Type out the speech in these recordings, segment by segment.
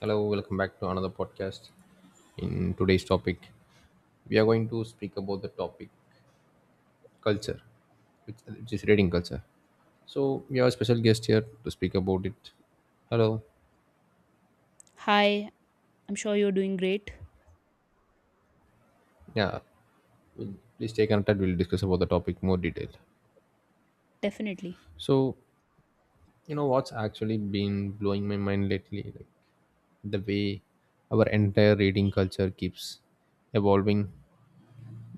Hello, welcome back to another podcast. In today's topic, we are going to speak about the topic culture, which is reading culture. So, we have a special guest here to speak about it. Hello. Hi, I'm sure you're doing great. Yeah. We'll, please stay connected. We'll discuss about the topic more detail. Definitely. So, you know what's actually been blowing my mind lately? Like the way our entire reading culture keeps evolving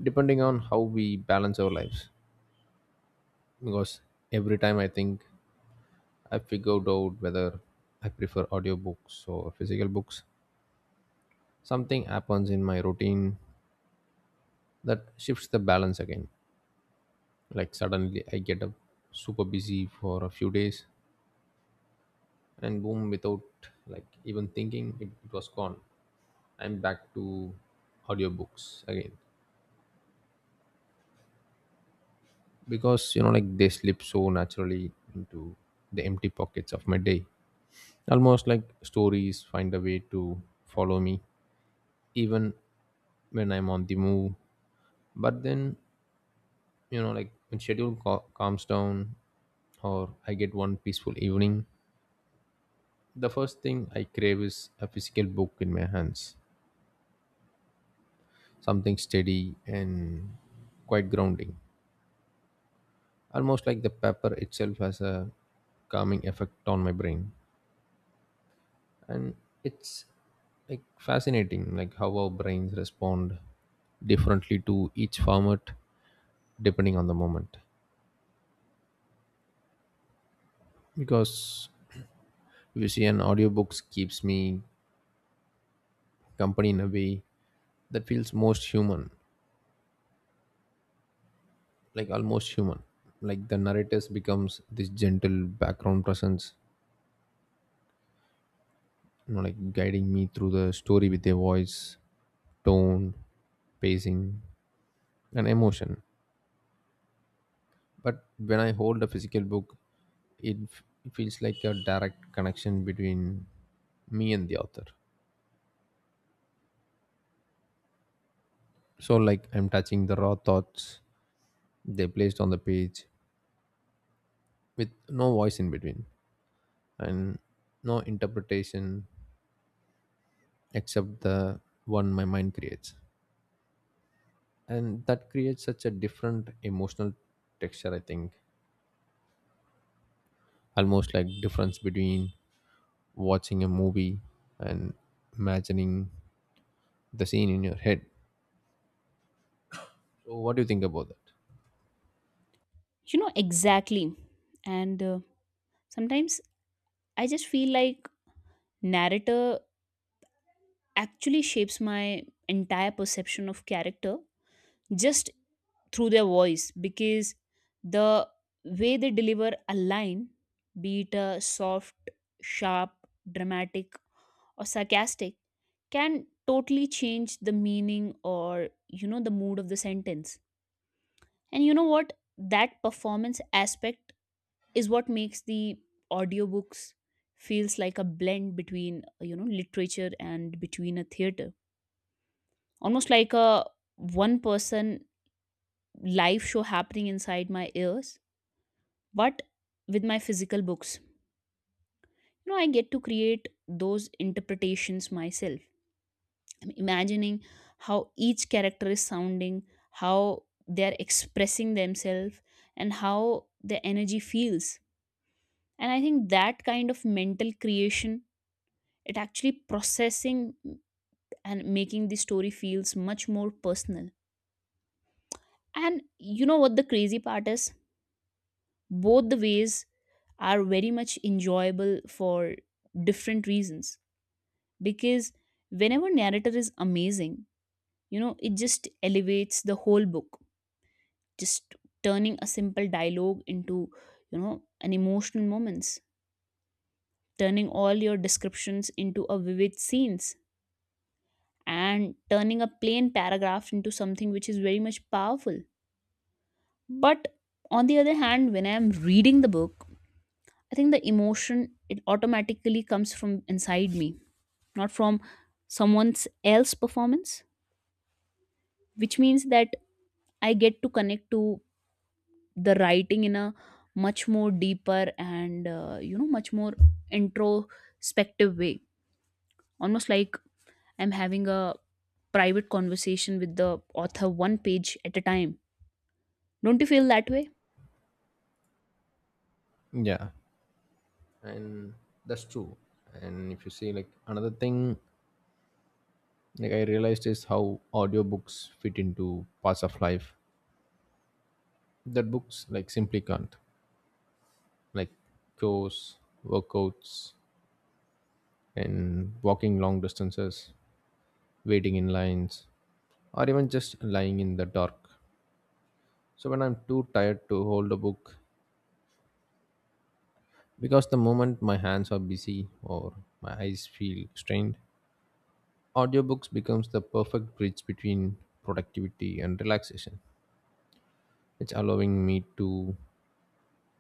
depending on how we balance our lives. Because every time I think I figured out whether I prefer audiobooks or physical books. Something happens in my routine that shifts the balance again. Like suddenly I get up super busy for a few days and boom, without like even thinking it was gone. I'm back to audiobooks again. Because you know like they slip so naturally into the empty pockets of my day. Almost like stories find a way to follow me even when I'm on the move, but then you know like when schedule calms down or I get one peaceful evening, the first thing I crave is a physical book in my hands, something steady and quite grounding, almost like the paper itself has a calming effect on my brain. And it's like fascinating like how our brains respond differently to each format depending on the moment. Because if you see, an audiobook keeps me company in a way that feels most human, like almost human, like the narrators becomes this gentle background presence, you know like guiding me through the story with their voice, tone, pacing, and emotion. But when I hold a physical book, it feels like a direct connection between me and the author, so like I'm touching the raw thoughts they placed on the page with no voice in between and no interpretation except the one my mind creates. And that creates such a different emotional texture I think, almost like difference between watching a movie and imagining the scene in your head. So what do you think about that? You know, exactly. And sometimes I just feel like narrator actually shapes my entire perception of character just through their voice because the way they deliver a line, be it soft, sharp, dramatic, or sarcastic, can totally change the meaning or, you know, the mood of the sentence. And you know what, that performance aspect is what makes the audiobooks feels like a blend between you know, literature and between a theater, almost like a one person live show happening inside my ears. But with my physical books, you know, I get to create those interpretations myself. I'm imagining how each character is sounding, how they're expressing themselves, and how the energy feels. And I think that kind of mental creation, it actually processing and making the story feels much more personal. And you know what the crazy part is, both the ways are very much enjoyable for different reasons. Because whenever narrator is amazing, you know, it just elevates the whole book, just turning a simple dialogue into, you know, an emotional moments, turning all your descriptions into a vivid scenes, and turning a plain paragraph into something which is very much powerful. But on the other hand, when I am reading the book, I think the emotion it automatically comes from inside me, not from someone's else performance, which means that I get to connect to the writing in a much more deeper and you know, much more introspective way, almost like I'm having a private conversation with the author one page at a time. Don't you feel that way? Yeah, and that's true. And if you see like another thing like I realized is how audiobooks fit into parts of life that books like simply can't, like chores, workouts, and walking long distances, waiting in lines, or even just lying in the dark. So when I'm too tired to hold a book, because the moment my hands are busy or my eyes feel strained, audiobooks becomes the perfect bridge between productivity and relaxation. It's allowing me to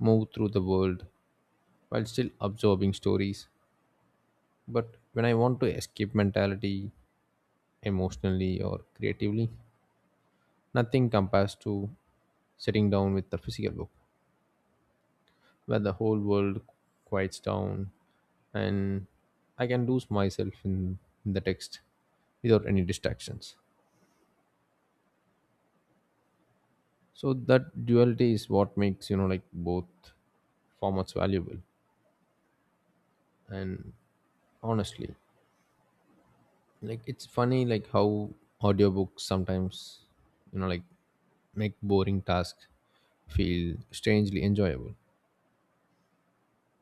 move through the world while still absorbing stories. But when I want to escape mentality, emotionally or creatively, nothing compares to sitting down with a physical book where the whole world quiets down and I can lose myself in the text without any distractions. So that duality is what makes you know like both formats valuable. And honestly, like it's funny like how audiobooks sometimes you know like make boring tasks feel strangely enjoyable,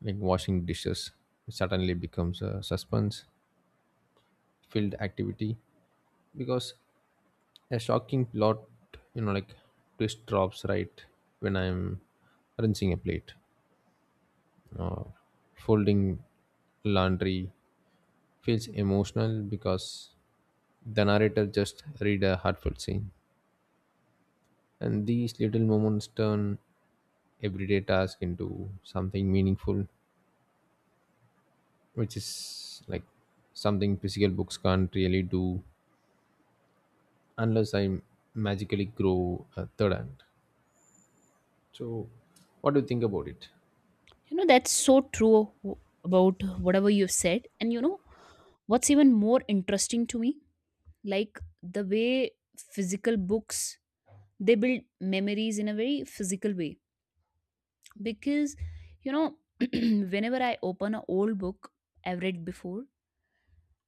like washing dishes suddenly becomes a suspense filled activity because a shocking plot you know like twist drops right when I'm rinsing a plate, or folding laundry feels emotional because the narrator just read a heartfelt scene. And these little moments turn everyday task into something meaningful, which is like something physical books can't really do unless I magically grow a third hand. So, what do you think about it? You know, that's so true about whatever you've said. And you know, what's even more interesting to me, like the way physical books, they build memories in a very physical way. Because, you know, whenever I open an old book I've read before,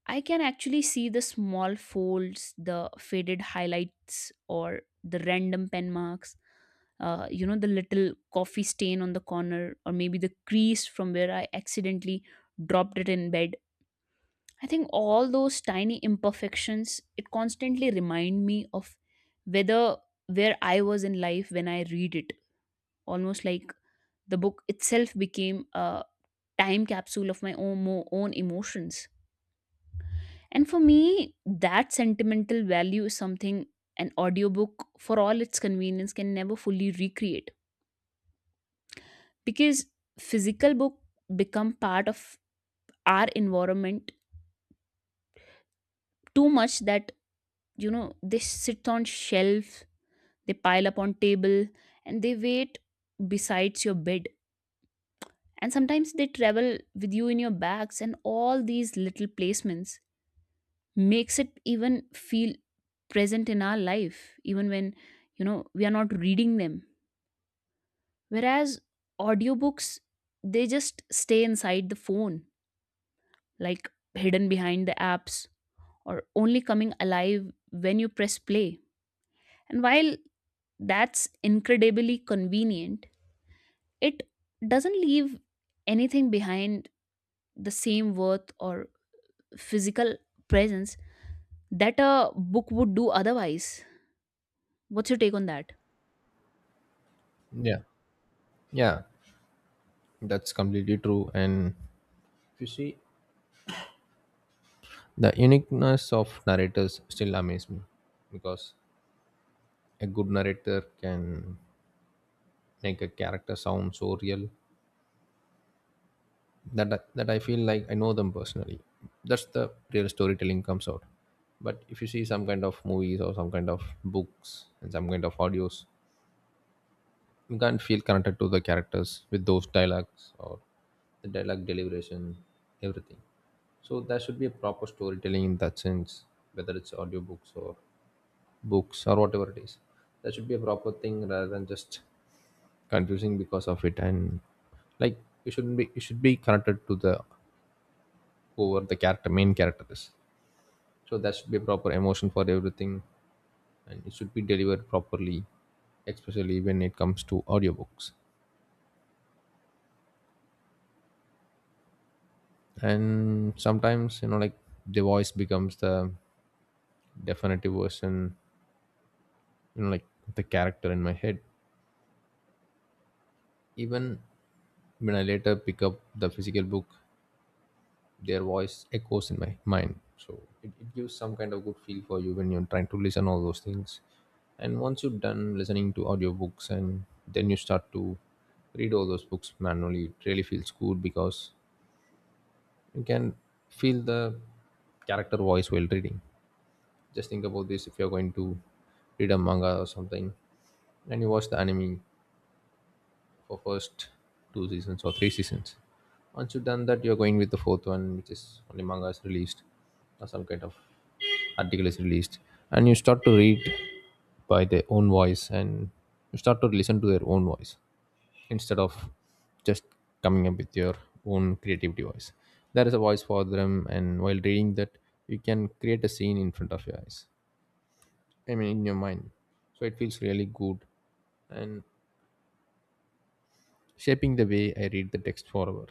I can actually see the small folds, the faded highlights, or the random pen marks. The little coffee stain on the corner, or maybe the crease from where I accidentally dropped it in bed. I think all those tiny imperfections, it constantly remind me of whether where I was in life when I read it. Almost like the book itself became a time capsule of my own, own emotions. And for me, that sentimental value is something an audiobook, for all its convenience, can never fully recreate. Because physical book become part of our environment too much that, you know, they sit on shelf, they pile up on table, and they wait besides your bed. And sometimes they travel with you in your bags, and all these little placements makes it even feel present in our life, even when, you know, we are not reading them. Whereas audiobooks, they just stay inside the phone, like hidden behind the apps or only coming alive when you press play. And while that's incredibly convenient, it doesn't leave anything behind the same worth or physical presence that a book would do otherwise. What's your take on that? Yeah, yeah, that's completely true. And if you see, the uniqueness of narrators still amaze me because a good narrator can make a character sound so real that that I feel like I know them personally. That's the real storytelling comes out. But if you see some kind of movies or some kind of books and some kind of audios, you can't feel connected to the characters with those dialogues or the dialogue deliberation, everything. So there should be a proper storytelling in that sense, whether it's audiobooks or books or whatever it is. There should be a proper thing rather than just confusing because of it, and like you shouldn't be, you should be connected to the whoever the character main character is. So there should be a proper emotion for everything and it should be delivered properly, especially when it comes to audiobooks. And sometimes you know like the voice becomes the definitive version, you know like the character in my head, even when I later pick up the physical book, their voice echoes in my mind. So it gives some kind of good feel for you when you're trying to listen all those things, and once you're done listening to audiobooks and then you start to read all those books manually, it really feels good because you can feel the character voice while reading. Just think about this, if you're going to read a manga or something and you watch the anime for first two seasons or three seasons. Once you've done that, you're going with the fourth one, which is only manga is released or some kind of article is released, and you start to read by their own voice and you start to listen to their own voice instead of just coming up with your own creativity voice. There is a voice for them, and while reading that, you can create a scene in front of your eyes. I mean, in your mind. So it feels really good and shaping the way I read the text forever.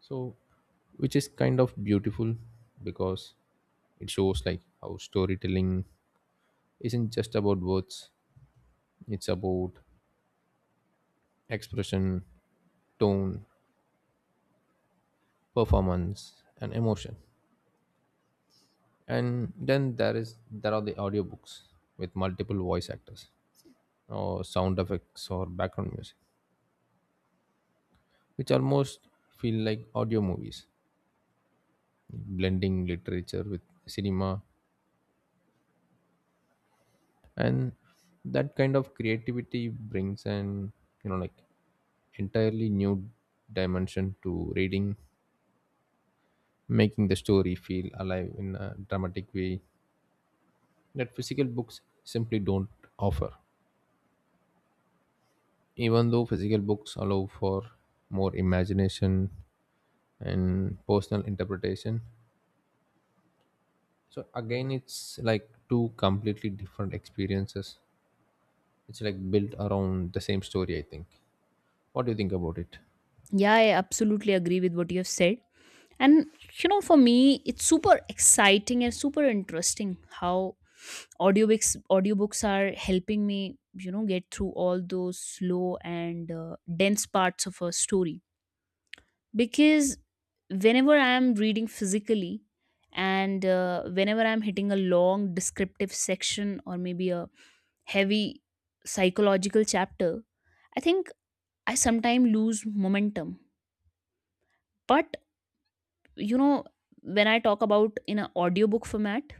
So, which is kind of beautiful because it shows like how storytelling isn't just about words, it's about expression, tone, performance, and emotion. And then there are the audiobooks with multiple voice actors or sound effects or background music, which almost feel like audio movies blending literature with cinema. And that kind of creativity brings an you know like entirely new dimension to reading, making the story feel alive in a dramatic way that physical books simply don't offer, even though physical books allow for more imagination and personal interpretation. So again it's like two completely different experiences, it's like built around the same story I think. What do you think about it? Yeah, I absolutely agree with what you have said. And you know, for me, it's super exciting and super interesting how audiobooks are helping me, you know, get through all those slow and dense parts of a story. Because whenever I am reading physically, and whenever I'm hitting a long descriptive section or maybe a heavy psychological chapter, I think I sometimes lose momentum. But you know, when I talk about in an audiobook format,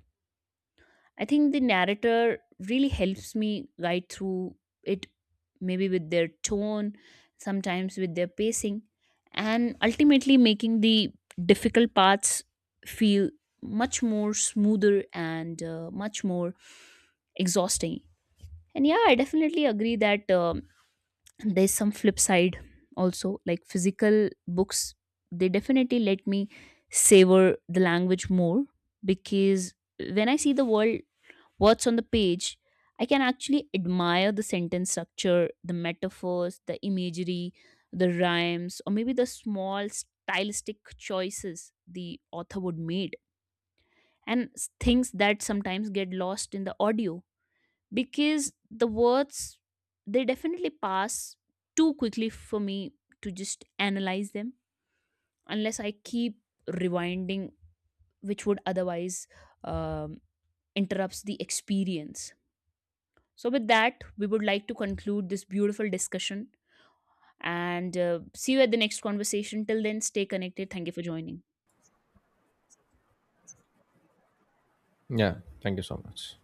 I think the narrator really helps me guide through it, maybe with their tone, sometimes with their pacing, and ultimately making the difficult parts feel much more smoother and much more exhausting. And yeah, I definitely agree that there's some flip side also, like physical books, they definitely let me savor the language more. Because when I see the world what's on the page, I can actually admire the sentence structure, the metaphors, the imagery, the rhymes, or maybe the small stylistic choices the author would made and things that sometimes get lost in the audio, because the words they definitely pass too quickly for me to just analyze them unless I keep rewinding, which would otherwise um, interrupts the experience. So, with that, we would like to conclude this beautiful discussion and see you at the next conversation. Till then, stay connected. Thank you for joining. Yeah, thank you so much.